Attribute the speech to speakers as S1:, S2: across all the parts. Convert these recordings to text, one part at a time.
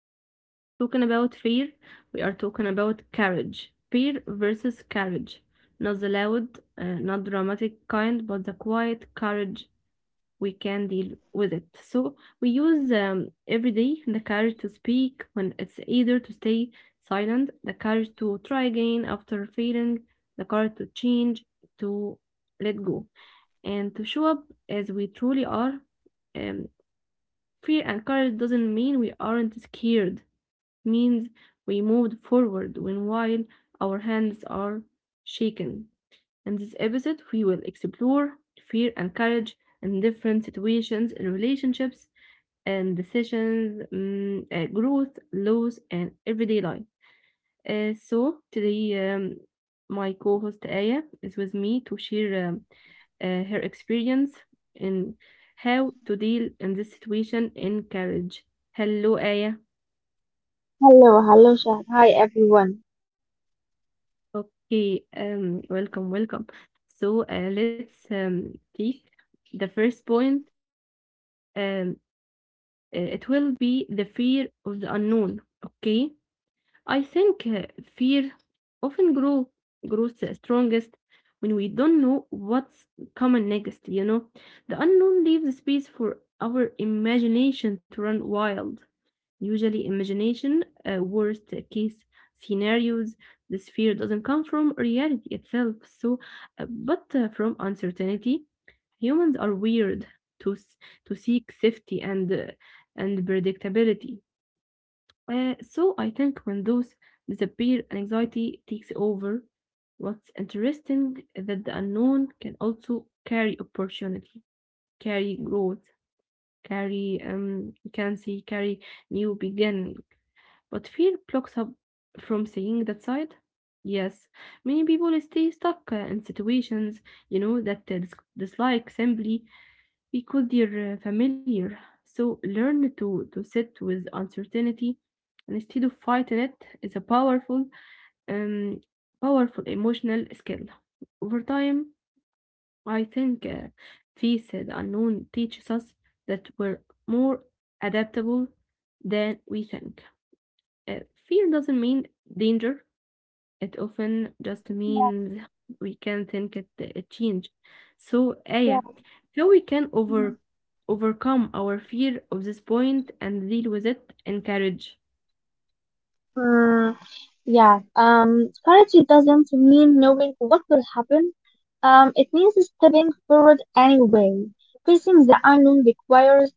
S1: Today we are not talking about fear, we are talking about courage. Fear versus courage. Not the loud, not dramatic kind, but the quiet courage we can deal with it. So we use every day the courage to speak when it's either to stay silent, the courage to try again after failing, the courage to change, to let go, and to show up as we truly are um, Fear and courage doesn't mean we aren't scared. It means we moved forward when while our hands are shaken. In this episode, we will explore fear and courage in different situations, in relationships and decisions, growth, loss, and everyday life. So today, my co-host Aya is with me to share her experience in how to deal in this situation in college. Hello, Aya.
S2: Hello, hello, Shah. Hi, everyone.
S1: Okay, welcome, welcome. So let's take the first point. Um, it will be the fear of the unknown. Okay. I think fear often grows the strongest when we don't know what's coming next, you know. The unknown leaves space for our imagination to run wild. Usually imagination, worst case scenarios, this fear doesn't come from reality itself, but from uncertainty. Humans are weird to s- to seek safety and predictability so I think when those disappear and anxiety takes over, what's interesting is that the unknown can also carry opportunity, carry growth, carry you can say carry new beginning. But fear blocks up from seeing that side. Yes, many people stay stuck in situations you know that they dislike simply because they're familiar. So learn to sit with uncertainty and instead of fighting it is a um, powerful emotional skill. Over time, I think Face the Unknown teaches us that we're more adaptable than we think. Uh, fear doesn't mean danger. It often just
S2: Yeah,
S1: means we can think it change. So, Aya,
S2: yeah.
S1: how we can overcome our fear of this point and deal with it in courage?
S2: Mm, yeah, strategy doesn't mean knowing what will happen. It means stepping forward anyway. Facing the unknown requires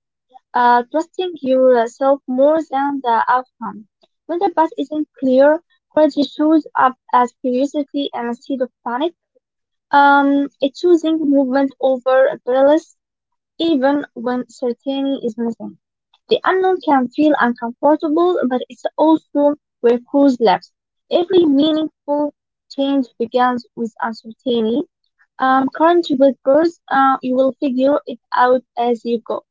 S2: trusting yourself more than the outcome. When the path isn't clear, courage shows up as curiosity and instead of panic. It's choosing movement over paralysis, even when certainty is missing. The unknown can feel uncomfortable, but it's also where Cruz lives. Every meaningful change begins with uncertainty. Current with Cruz, you will figure it out as you go.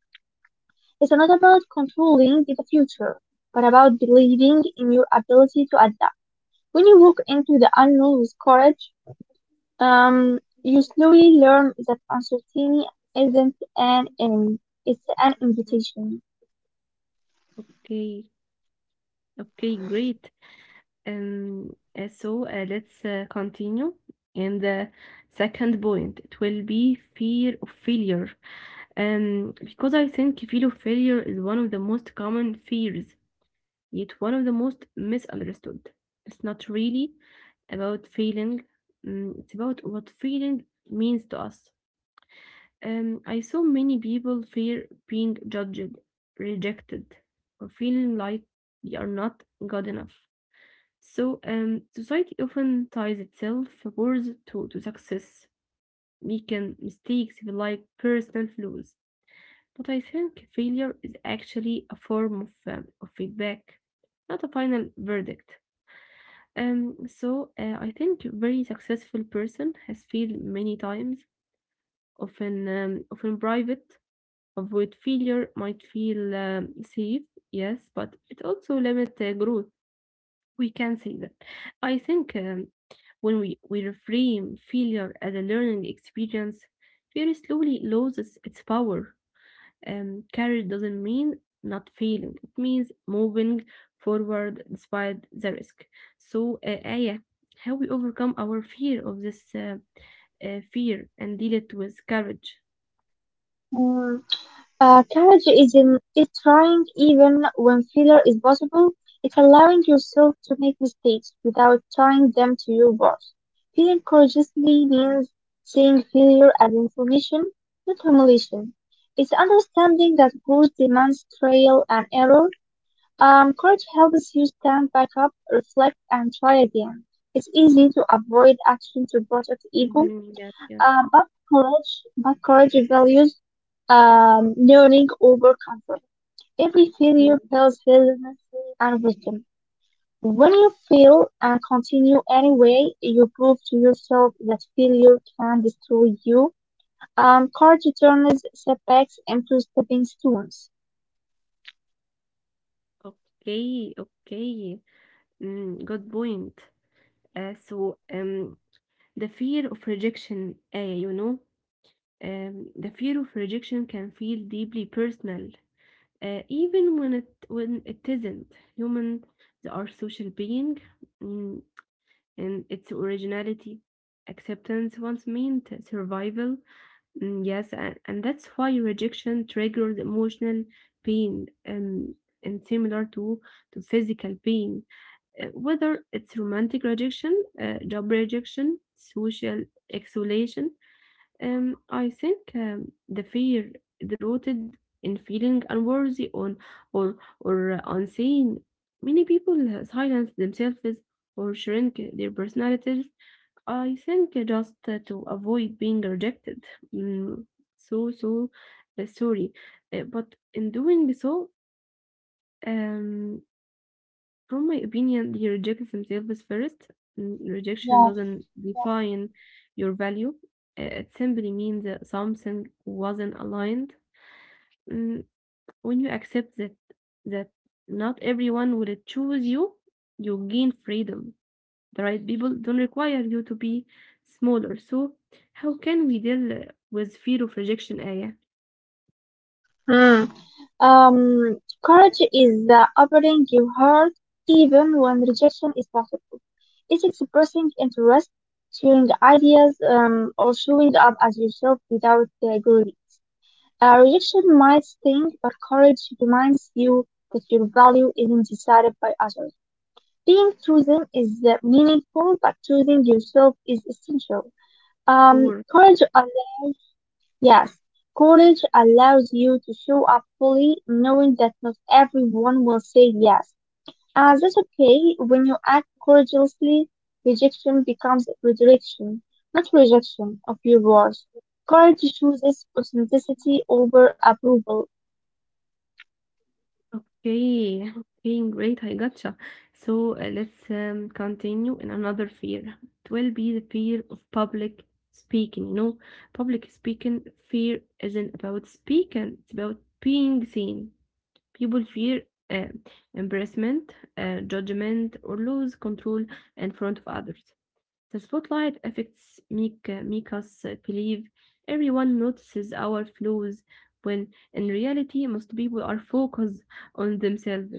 S2: It's not about controlling the future, but about believing in your ability to adapt. When you walk into the unknown with courage, you slowly learn that uncertainty isn't an enemy, it's an
S1: Mhm.
S2: invitation.
S1: Okay, okay, great. Let's continue. And the second point, it will be fear of failure. Because I think fear of failure is one of the most common fears, yet one of the most misunderstood. It's not really about feeling, mm, it's about what feeling means to us. I saw many people fear being judged, rejected, or feeling like they are not good enough. So, society often ties itself worth to success, making mistakes feel like personal flaws. But I think failure is actually a form of feedback, not a final verdict. I think a very successful person has failed many times, often private Avoid failure might feel safe, yes, but it also limits growth. We can say that. I think when we reframe failure as a learning experience, fear slowly loses its power. Courage doesn't mean not failing, it means moving forward despite the risk. So, Aya, how we overcome our fear of this fear and deal it with courage.
S2: Mm. Courage is in is trying even when failure is possible. It's allowing yourself to make mistakes without tying them to your boss. Feeling courageously means seeing failure as information, not humiliation. It's understanding that growth demands trial and error. Courage helps you stand back up, reflect, and try again. It's easy to avoid action to protect ego,
S1: Mhm, yes,
S2: but courage values learning over comfort. Every failure
S1: yes.
S2: tells resilience and wisdom. When you fail and continue anyway, you prove to yourself that failure can destroy you. Courage turns setbacks into stepping stones.
S1: Okay, okay. Mm, good point. Uh, so, um, the fear of rejection, you know, the fear of rejection can feel deeply personal, even when it isn't. Human, they are social being, mm, and its originality, acceptance once meant survival. Mm, yes, and that's why rejection triggers emotional pain, and similar to physical pain whether it's romantic rejection, job rejection, social isolation. I think the fear is rooted in feeling unworthy on or unseen. Many people silence themselves or shrink their personalities. I think just to avoid being rejected. Mm, so so uh, sorry, but in doing so. Um, from my opinion, he rejects himself first. Mm, rejection doesn't define your value. It simply means that something wasn't aligned. Mm, when you accept that not everyone will choose you, you gain freedom. The right people don't require you to be smaller. So, how can we deal with fear of rejection, Aya?
S2: Yes. Um, Courage is the opening your heart even when rejection is possible. It's expressing interest, sharing ideas, or showing up as yourself without glory. Rejection might sting, but courage reminds you that your value isn't decided by others. Being chosen is meaningful, but choosing yourself is essential. Um,
S1: Sure.
S2: courage allows Yes, courage allows you to show up fully, knowing that not everyone will say yes. And that's okay. When you act courageously, rejection becomes redirection, not rejection of your worth. Courage chooses authenticity over approval.
S1: Okay, okay, great. I gotcha. So let's continue in another fear. It will be the fear of public speaking. You know, public speaking fear isn't about speaking, it's about being seen. People fear uh, embarrassment, judgment, or lose control in front of others. The spotlight affects make us believe everyone notices our flaws when in reality most people are focused on themselves.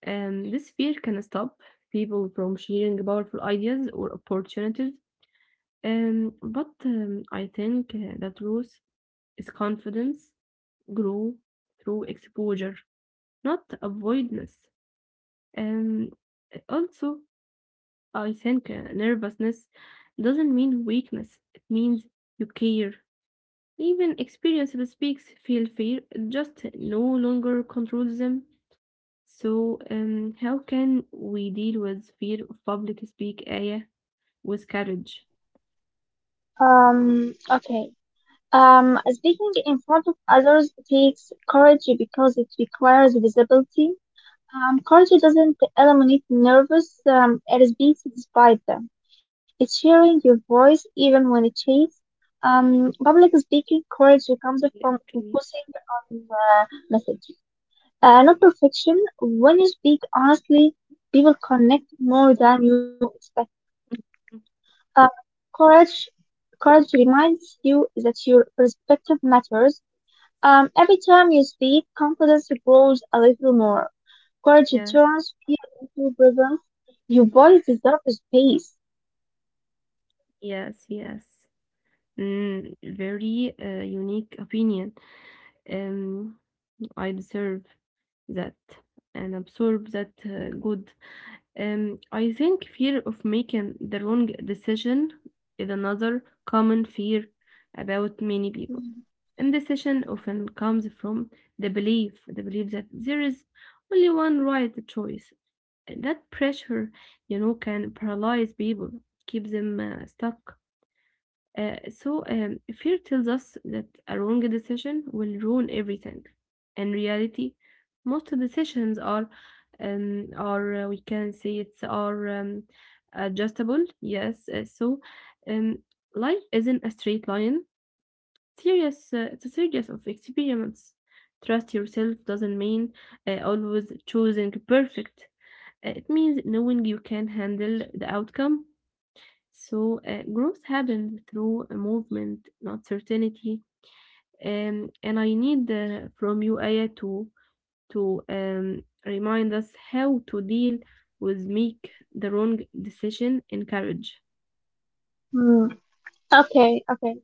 S1: This fear can stop people from sharing powerful ideas or opportunities. But I think the truth is confidence grow through exposure, not avoidance. Um, also, I think nervousness doesn't mean weakness. It means you care. Even experienced speaks feel fear, just no longer controls them. So, how can we deal with fear of public speak, Aya, with courage?
S2: Okay. Speaking in front of others takes courage because it requires visibility. Culture doesn't eliminate nervous beats despite them. It's sharing your voice even when it shakes. Public speaking courage comes
S1: Yeah,
S2: from
S1: okay.
S2: focusing on message, not perfection. When you speak honestly, people connect more than you expect. Uh, courage, courage reminds you that your perspective matters. Every time you speak, confidence grows a little more. Courage
S1: Yes,
S2: turns fear into presence. Your body deserves space.
S1: yes, yes. Mm, very unique opinion. Um, I deserve that and absorb that good. I think fear of making the wrong decision is another common fear about many people. Indecision often comes from the belief that there is only one right choice. That pressure, you know, can paralyze people, keep them stuck. Fear tells us that a wrong decision will ruin everything. In reality, most decisions are we can say it's are adjustable. Yes, um, life isn't a straight line. Serious, it's a series of experiments. Trust yourself doesn't mean always choosing perfect. It means knowing you can handle the outcome so growth happens through a movement, not certainty. And I need from you, Aya, to remind us how to deal with make the wrong decision in courage.
S2: Hmm. Okay, okay.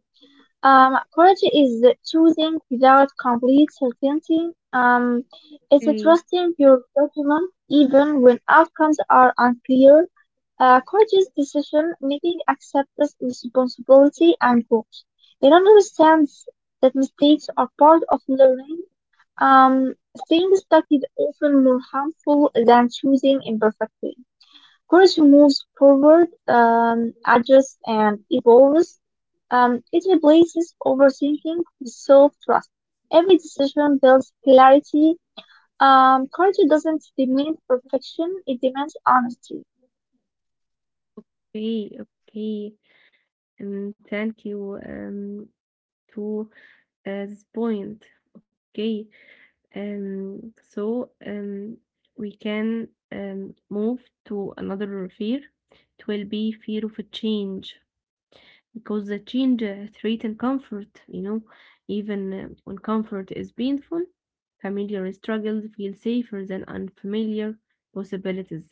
S2: Courage is choosing without complete certainty. It's
S1: Okay.
S2: trusting your judgment even when outcomes are unclear. Courageous decision making accepts responsibility and growth. It understands that mistakes are part of learning. Staying stuck is often more harmful than choosing imperfectly. Courage moves forward, adjusts, and evolves. It replaces overthinking with self-trust. Every decision builds clarity. Courage doesn't demand perfection; it demands honesty.
S1: Okay. Okay. And thank you to this point. Okay. Um, so um, we can move to another fear. It will be fear of a change because the change threatens comfort, you know, even when comfort is painful, familiar struggles feel safer than unfamiliar possibilities.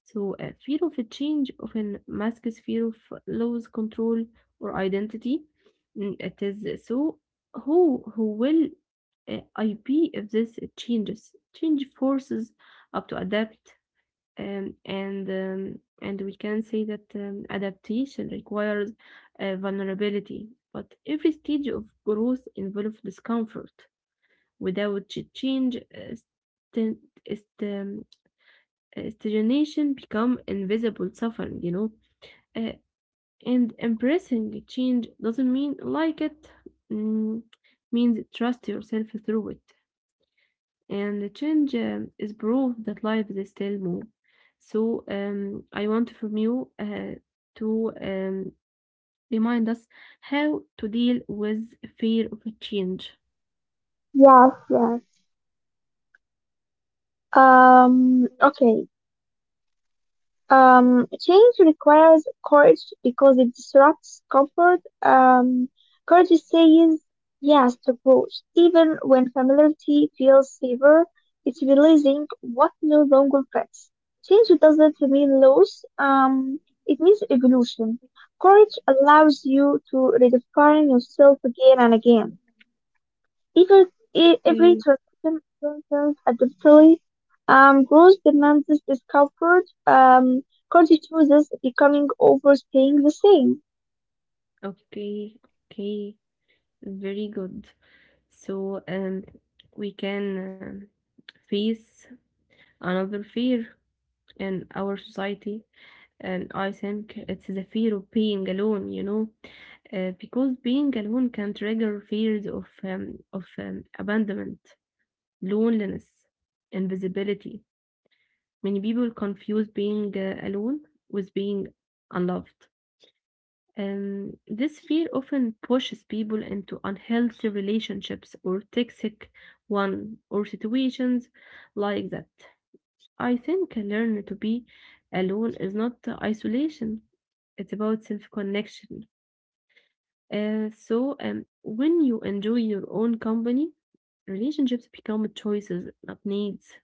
S1: So, fear of a change often masks fear of loss, control, or identity. Mm, it is so who will I be if this changes? Change forces up to adapt, um, and um, and we can say that adaptation requires vulnerability. But every stage of growth involves discomfort. Without change, st- stagnation become invisible suffering, you know. Uh, and embracing change doesn't mean like it, mm, means trust yourself through it. And the change is proof that life is still more. So I want from you to remind us how to deal with fear of change.
S2: Yes, yes. Okay. Change requires courage because it disrupts comfort. Courage says yes to growth, even when familiarity feels safer. It's releasing what no longer fits. Change doesn't mean loss. It means evolution. Courage allows you to redefine yourself again and again. Because every
S1: Okay,
S2: transition concerns adaptability, growth demands discomfort, continues becoming overstaying the same.
S1: okay, okay. Very good. So we can face another fear in our society. And I think it's the fear of being alone, you know, because being alone can trigger fears of abandonment, loneliness, invisibility. Many people confuse being alone with being unloved. This fear often pushes people into unhealthy relationships or toxic one or situations like that. I think learn to be alone is not isolation. It's about self-connection. When you enjoy your own company, relationships become choices, not needs,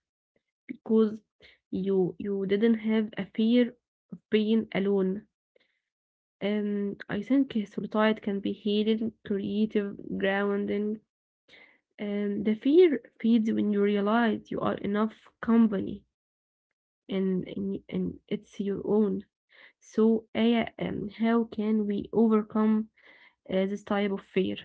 S1: because you didn't have a fear of being alone. I think solitude can be healing, creative, grounding. The fear feeds when you realize you are enough company and it's your own. So, Aya, how can we overcome this type of fear?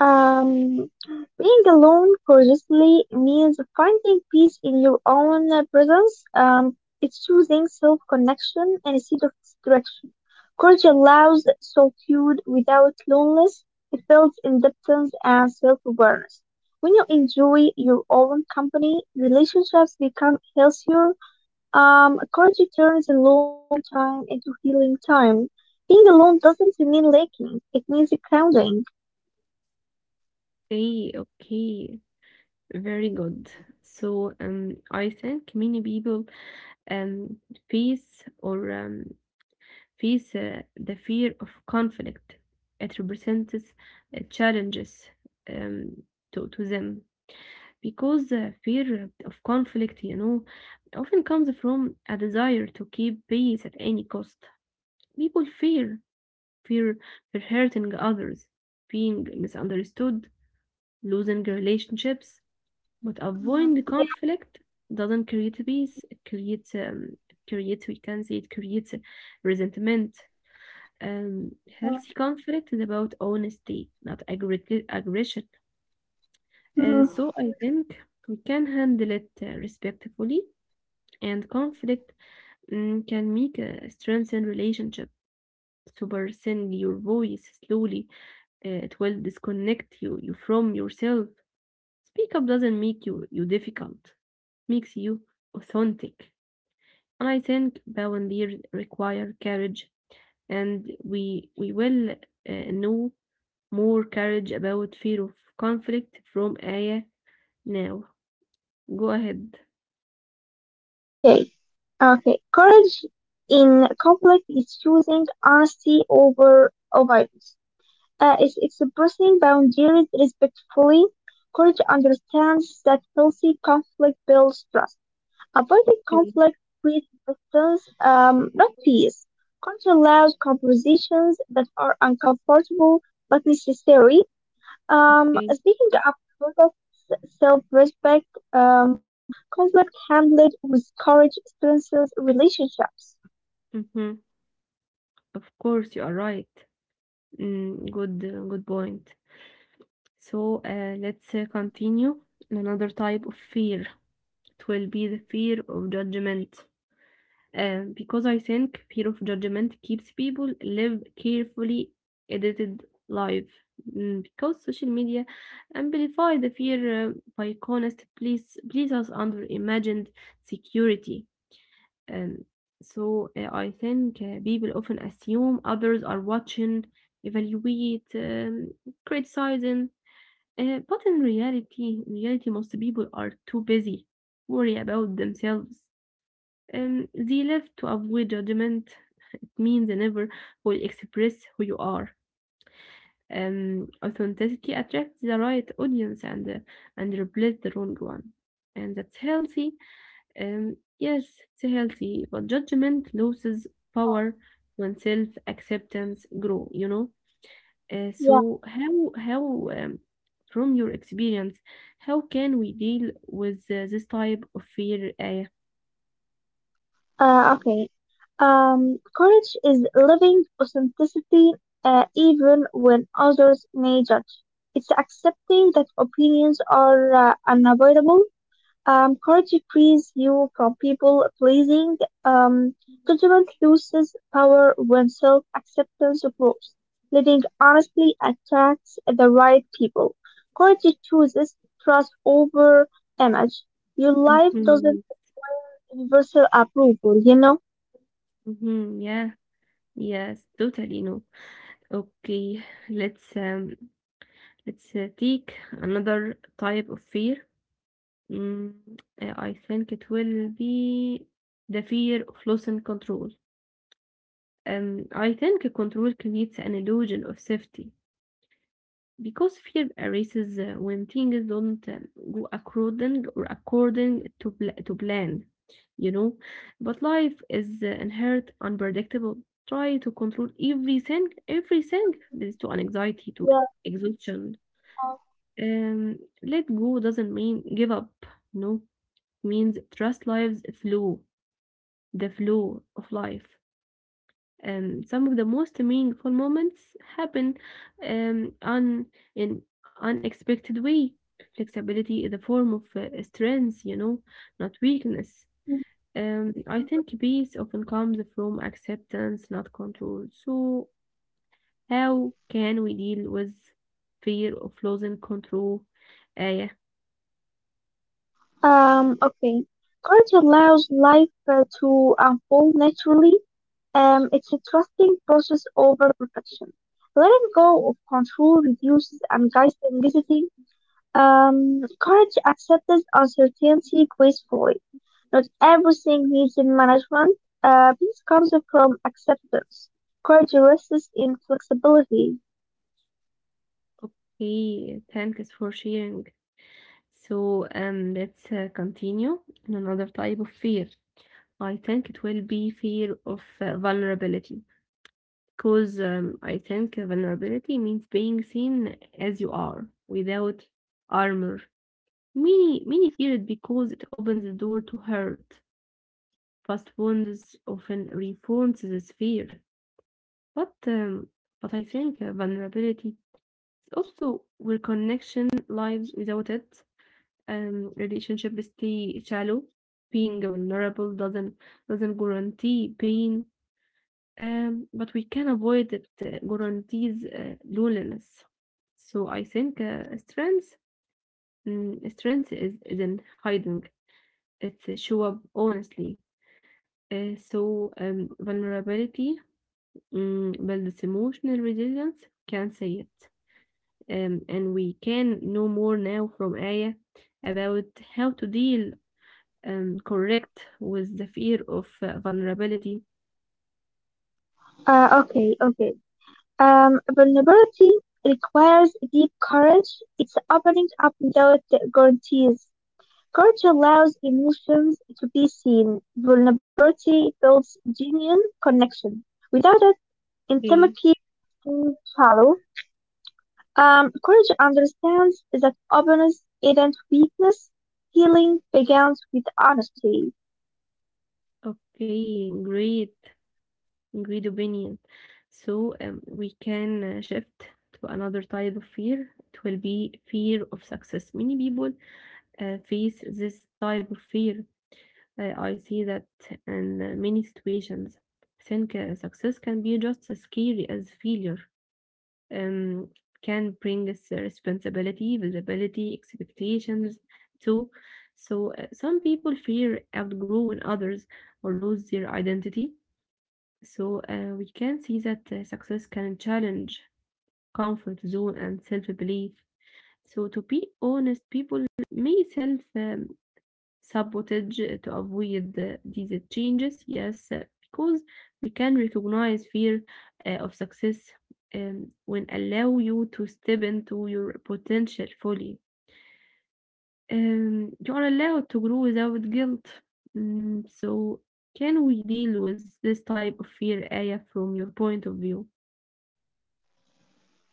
S2: Um, Being alone courageously means finding peace in your own presence. It's choosing self connection instead of distraction. Courage allows solitude without loneliness. It builds independence and self awareness. When you enjoy your own company, relationships become healthier. Courage turns alone time into healing time. Being alone doesn't mean lacking, it means grounding.
S1: Okay, okay, very good. So, I think many people um face or Peace, the fear of conflict. It represents challenges um, to them because the fear of conflict, you know, often comes from a desire to keep peace at any cost. People fear, fear for hurting others, being misunderstood, losing relationships. But avoiding the
S2: Yeah.
S1: conflict doesn't create peace.
S2: Mm,
S1: It we can say, it creates resentment. um, Healthy conflict is about honesty, not aggression. So I think we can handle it respectfully, and conflict mm, can make a strengthened relationship. So by sending your voice slowly, it will disconnect you from yourself. Speak up doesn't make you difficult, makes you authentic. And I think boundaries require courage, and we will know more courage about fear of conflict from Aya now. Go ahead.
S2: okay, okay. Courage in conflict is choosing honesty over avoidance. It's expressing boundaries respectfully. Courage understands that healthy conflict builds trust. Avoiding
S1: Okay,
S2: conflict creates distance, not peace. Courage allows conversations that are uncomfortable but necessary.
S1: okay.
S2: Speaking of protests, self-respect, um, conflict handled with courage strengthens relationships.
S1: Mm-hmm. Of course, you are right. Mm, good point. So let's continue. Another type of fear. It will be the fear of judgment. Because I think fear of judgment keeps people live carefully edited life. Because social media amplify the fear by honest please please us under imagined security. And I think people often assume others are watching, evaluate, criticizing. But in reality, most people are too busy worry about themselves they live to avoid judgment. It means they never will express who you are. Authenticity attracts the right audience and replace the wrong one, and that's healthy. Yes, it's healthy, but judgment loses power when self acceptance grow. Uh,
S2: Yeah.
S1: so how how um, from your experience, how can we deal with this type of fear?
S2: Okay. Courage is living authenticity, even when others may judge. It's accepting that opinions are unavoidable. Court decrees you from people pleasing. Um, Government loses power when self acceptance grows. Living honestly attracts the right people. Courage chooses trust over image. Your life
S1: Mm-hmm,
S2: doesn't require universal approval, you know?
S1: mm-hmm, yeah. Yes, totally no. Okay, let's take another type of fear. Mm, I think it will be the fear of losing control. I think control creates an illusion of safety, because fear arises when things don't go according or according to plan, you know. But life is inherent unpredictable. Try to control everything. Everything leads to anxiety, to
S2: Yeah.
S1: exhaustion. Let go doesn't mean give up. No, it means trust life's flow, the flow of life. Some of the most meaningful moments happen on in unexpected way. Flexibility is a form of strength, you know, not weakness.
S2: Mhm.
S1: I
S2: Mhm.
S1: think peace often comes from acceptance, not control. So, how can we deal with fear of losing control? Yeah,
S2: Okay. Courage allows life to unfold naturally. It's a trusting process over perfection. Letting go of control reduces anxiety. Courage accepts uncertainty gracefully. Not everything needs in management. Peace comes from acceptance. Courage rests in flexibility.
S1: okay, thanks for sharing. So, let's continue in another type of fear. I think it will be fear of vulnerability because I think vulnerability means being seen as you are without armor. Many, many fear it because it opens the door to hurt. Past wounds often reinforces this fear. But, um, but I think vulnerability is also where connection lives without it. Relationship stay shallow. Being vulnerable doesn't guarantee pain. But we can avoid it guarantees loneliness. So I think strength is isn't hiding. It's show up honestly. So vulnerability builds emotional resilience. Can say it, and we can know more now from Aya about how to deal correct with the fear of vulnerability.
S2: Okay, okay. Vulnerability requires deep courage. It's opening up without guarantees. Courage allows emotions to be seen; vulnerability builds genuine connection. Without it,
S1: Okay,
S2: intimacy stays shallow. Courage understands that openness isn't weakness. Healing begins with honesty.
S1: okay, great. Greed opinion. So we can shift to another type of fear. It will be fear of success. Many people face this type of fear. I see that in many situations. I think success can be just as scary as failure. Um, can bring us responsibility, visibility, expectations too. So some people fear outgrowing others or lose their identity so we can see that success can challenge comfort zone and self belief. So to be honest, people may self sabotage to avoid these changes. Yes, because we can recognize fear of success when allow you to step into your potential fully. You are allowed to grow without guilt. So can we deal with this type of fear, Aya, from your point of view?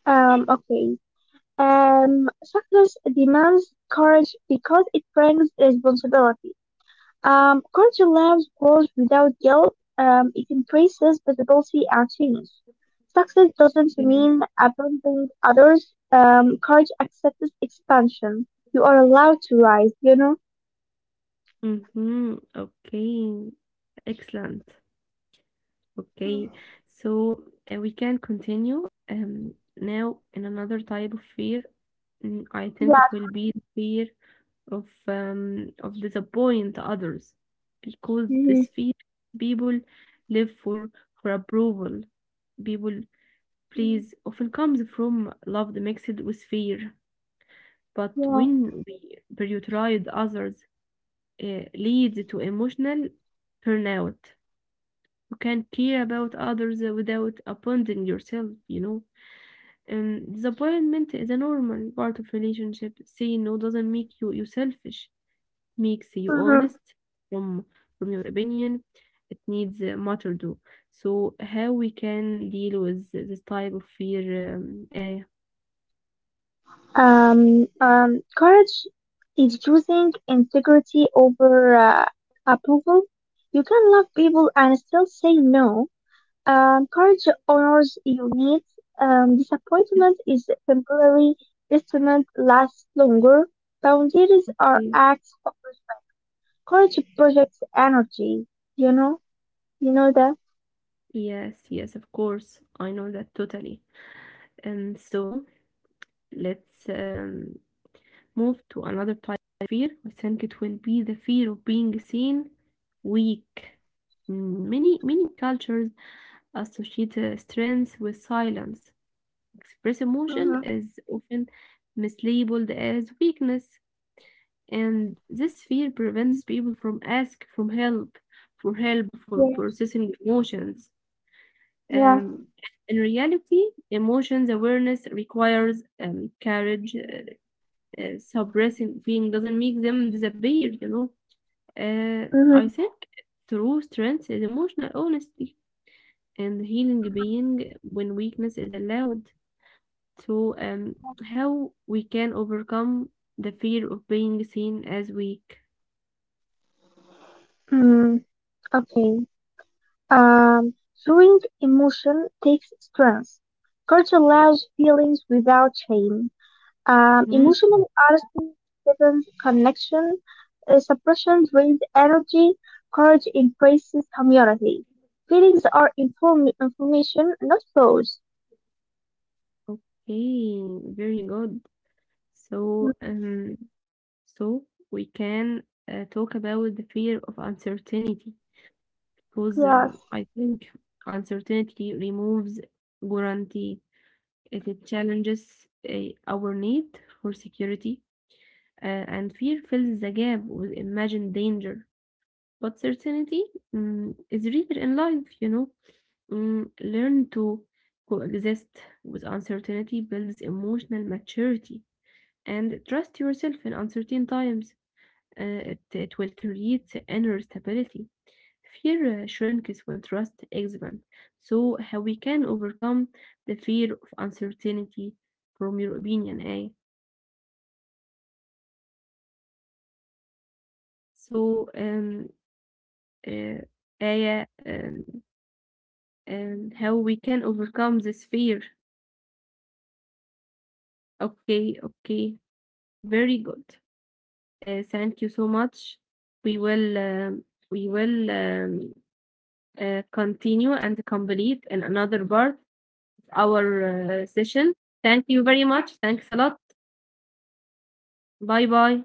S2: Okay. Success demands courage because it brings responsibility. Culture lives goals without guilt. It embraces visibility and change. Success doesn't
S1: Mhm.
S2: mean abandoning others. Courage accepts expansion. You are allowed to rise, you know?
S1: Mhm. Okay. Excellent. Okay.
S2: Mm.
S1: So we can continue now in another type of fear. I think
S2: Yeah,
S1: it will
S2: for
S1: be the
S2: sure.
S1: fear of disappoint others because this
S2: hmm
S1: fear people live for approval. People please often comes from love mixed with fear. But
S2: Yeah.
S1: when we prioritize others, leads to emotional burnout. You can care about others without abandoning yourself, you know. And disappointment is a normal part of relationship. Saying no doesn't make you, you selfish, makes you
S2: uh
S1: honest from from your opinion. It needs matter do. So how we can deal with this type of fear?
S2: Courage is choosing integrity over approval. You can love people and still say no. Courage honors your needs. Disappointment is temporary. Disappointment lasts longer. Boundaries are
S1: Okay.
S2: acts of courage projects energy. You know, you know that.
S1: Yes, yes, of course. I know that totally. And so let's move to another type of fear. I think it will be the fear of being seen weak. Many many cultures associate strength with silence. Express emotion
S2: Mm-hmm.
S1: is often mislabeled as weakness, and this fear prevents people from ask for help, for help for
S2: Yeah,
S1: processing emotions.
S2: yeah.
S1: Um, in reality, emotions awareness requires courage. Suppressing feeling doesn't make them disappear, you know. I
S2: Mm-hmm.
S1: think true strength is emotional honesty and healing
S2: Mm-hmm.
S1: being when weakness is allowed. So,
S2: Yeah.
S1: how we can overcome the fear of being seen as weak?
S2: Mm, okay. Um, Showing emotion takes strength. Courage allows feelings without shame.
S1: Mhm.
S2: Emotional honesty deepens connection. Suppression drains energy. Courage embraces community. Feelings are information, not thoughts.
S1: Okay, very good. So,
S2: Hmm.
S1: so we can talk about the fear of uncertainty because
S2: Yes.
S1: I think uncertainty removes guarantee. It challenges our need for security, and fear fills the gap with imagined danger. But certainty is rare in life, you know. Learn to coexist with uncertainty builds emotional maturity and trust yourself in uncertain times. It will create inner stability. Fear shrinks when trust expands. So, how we can overcome the fear of uncertainty from your opinion, eh?
S2: Uncertainty is
S1: So,
S2: unavoidable. Uh,
S1: uh,
S2: yeah.
S1: Aya, how we can overcome this fear? Okay, okay,
S2: Um,
S1: very good.
S2: uncertainty is
S1: Thank you so
S2: unavoidable.
S1: much.
S2: Courage
S1: We
S2: learns
S1: will,
S2: to
S1: we
S2: coexist
S1: will
S2: with it.
S1: um,
S2: Trust replaces panic.
S1: continue and complete
S2: Courage
S1: in
S2: builds
S1: another
S2: inner
S1: part
S2: stability.
S1: of our
S2: You don't need all
S1: session.
S2: answers to
S1: Thank
S2: move
S1: you very much.
S2: forward.
S1: Thanks a lot. Bye bye.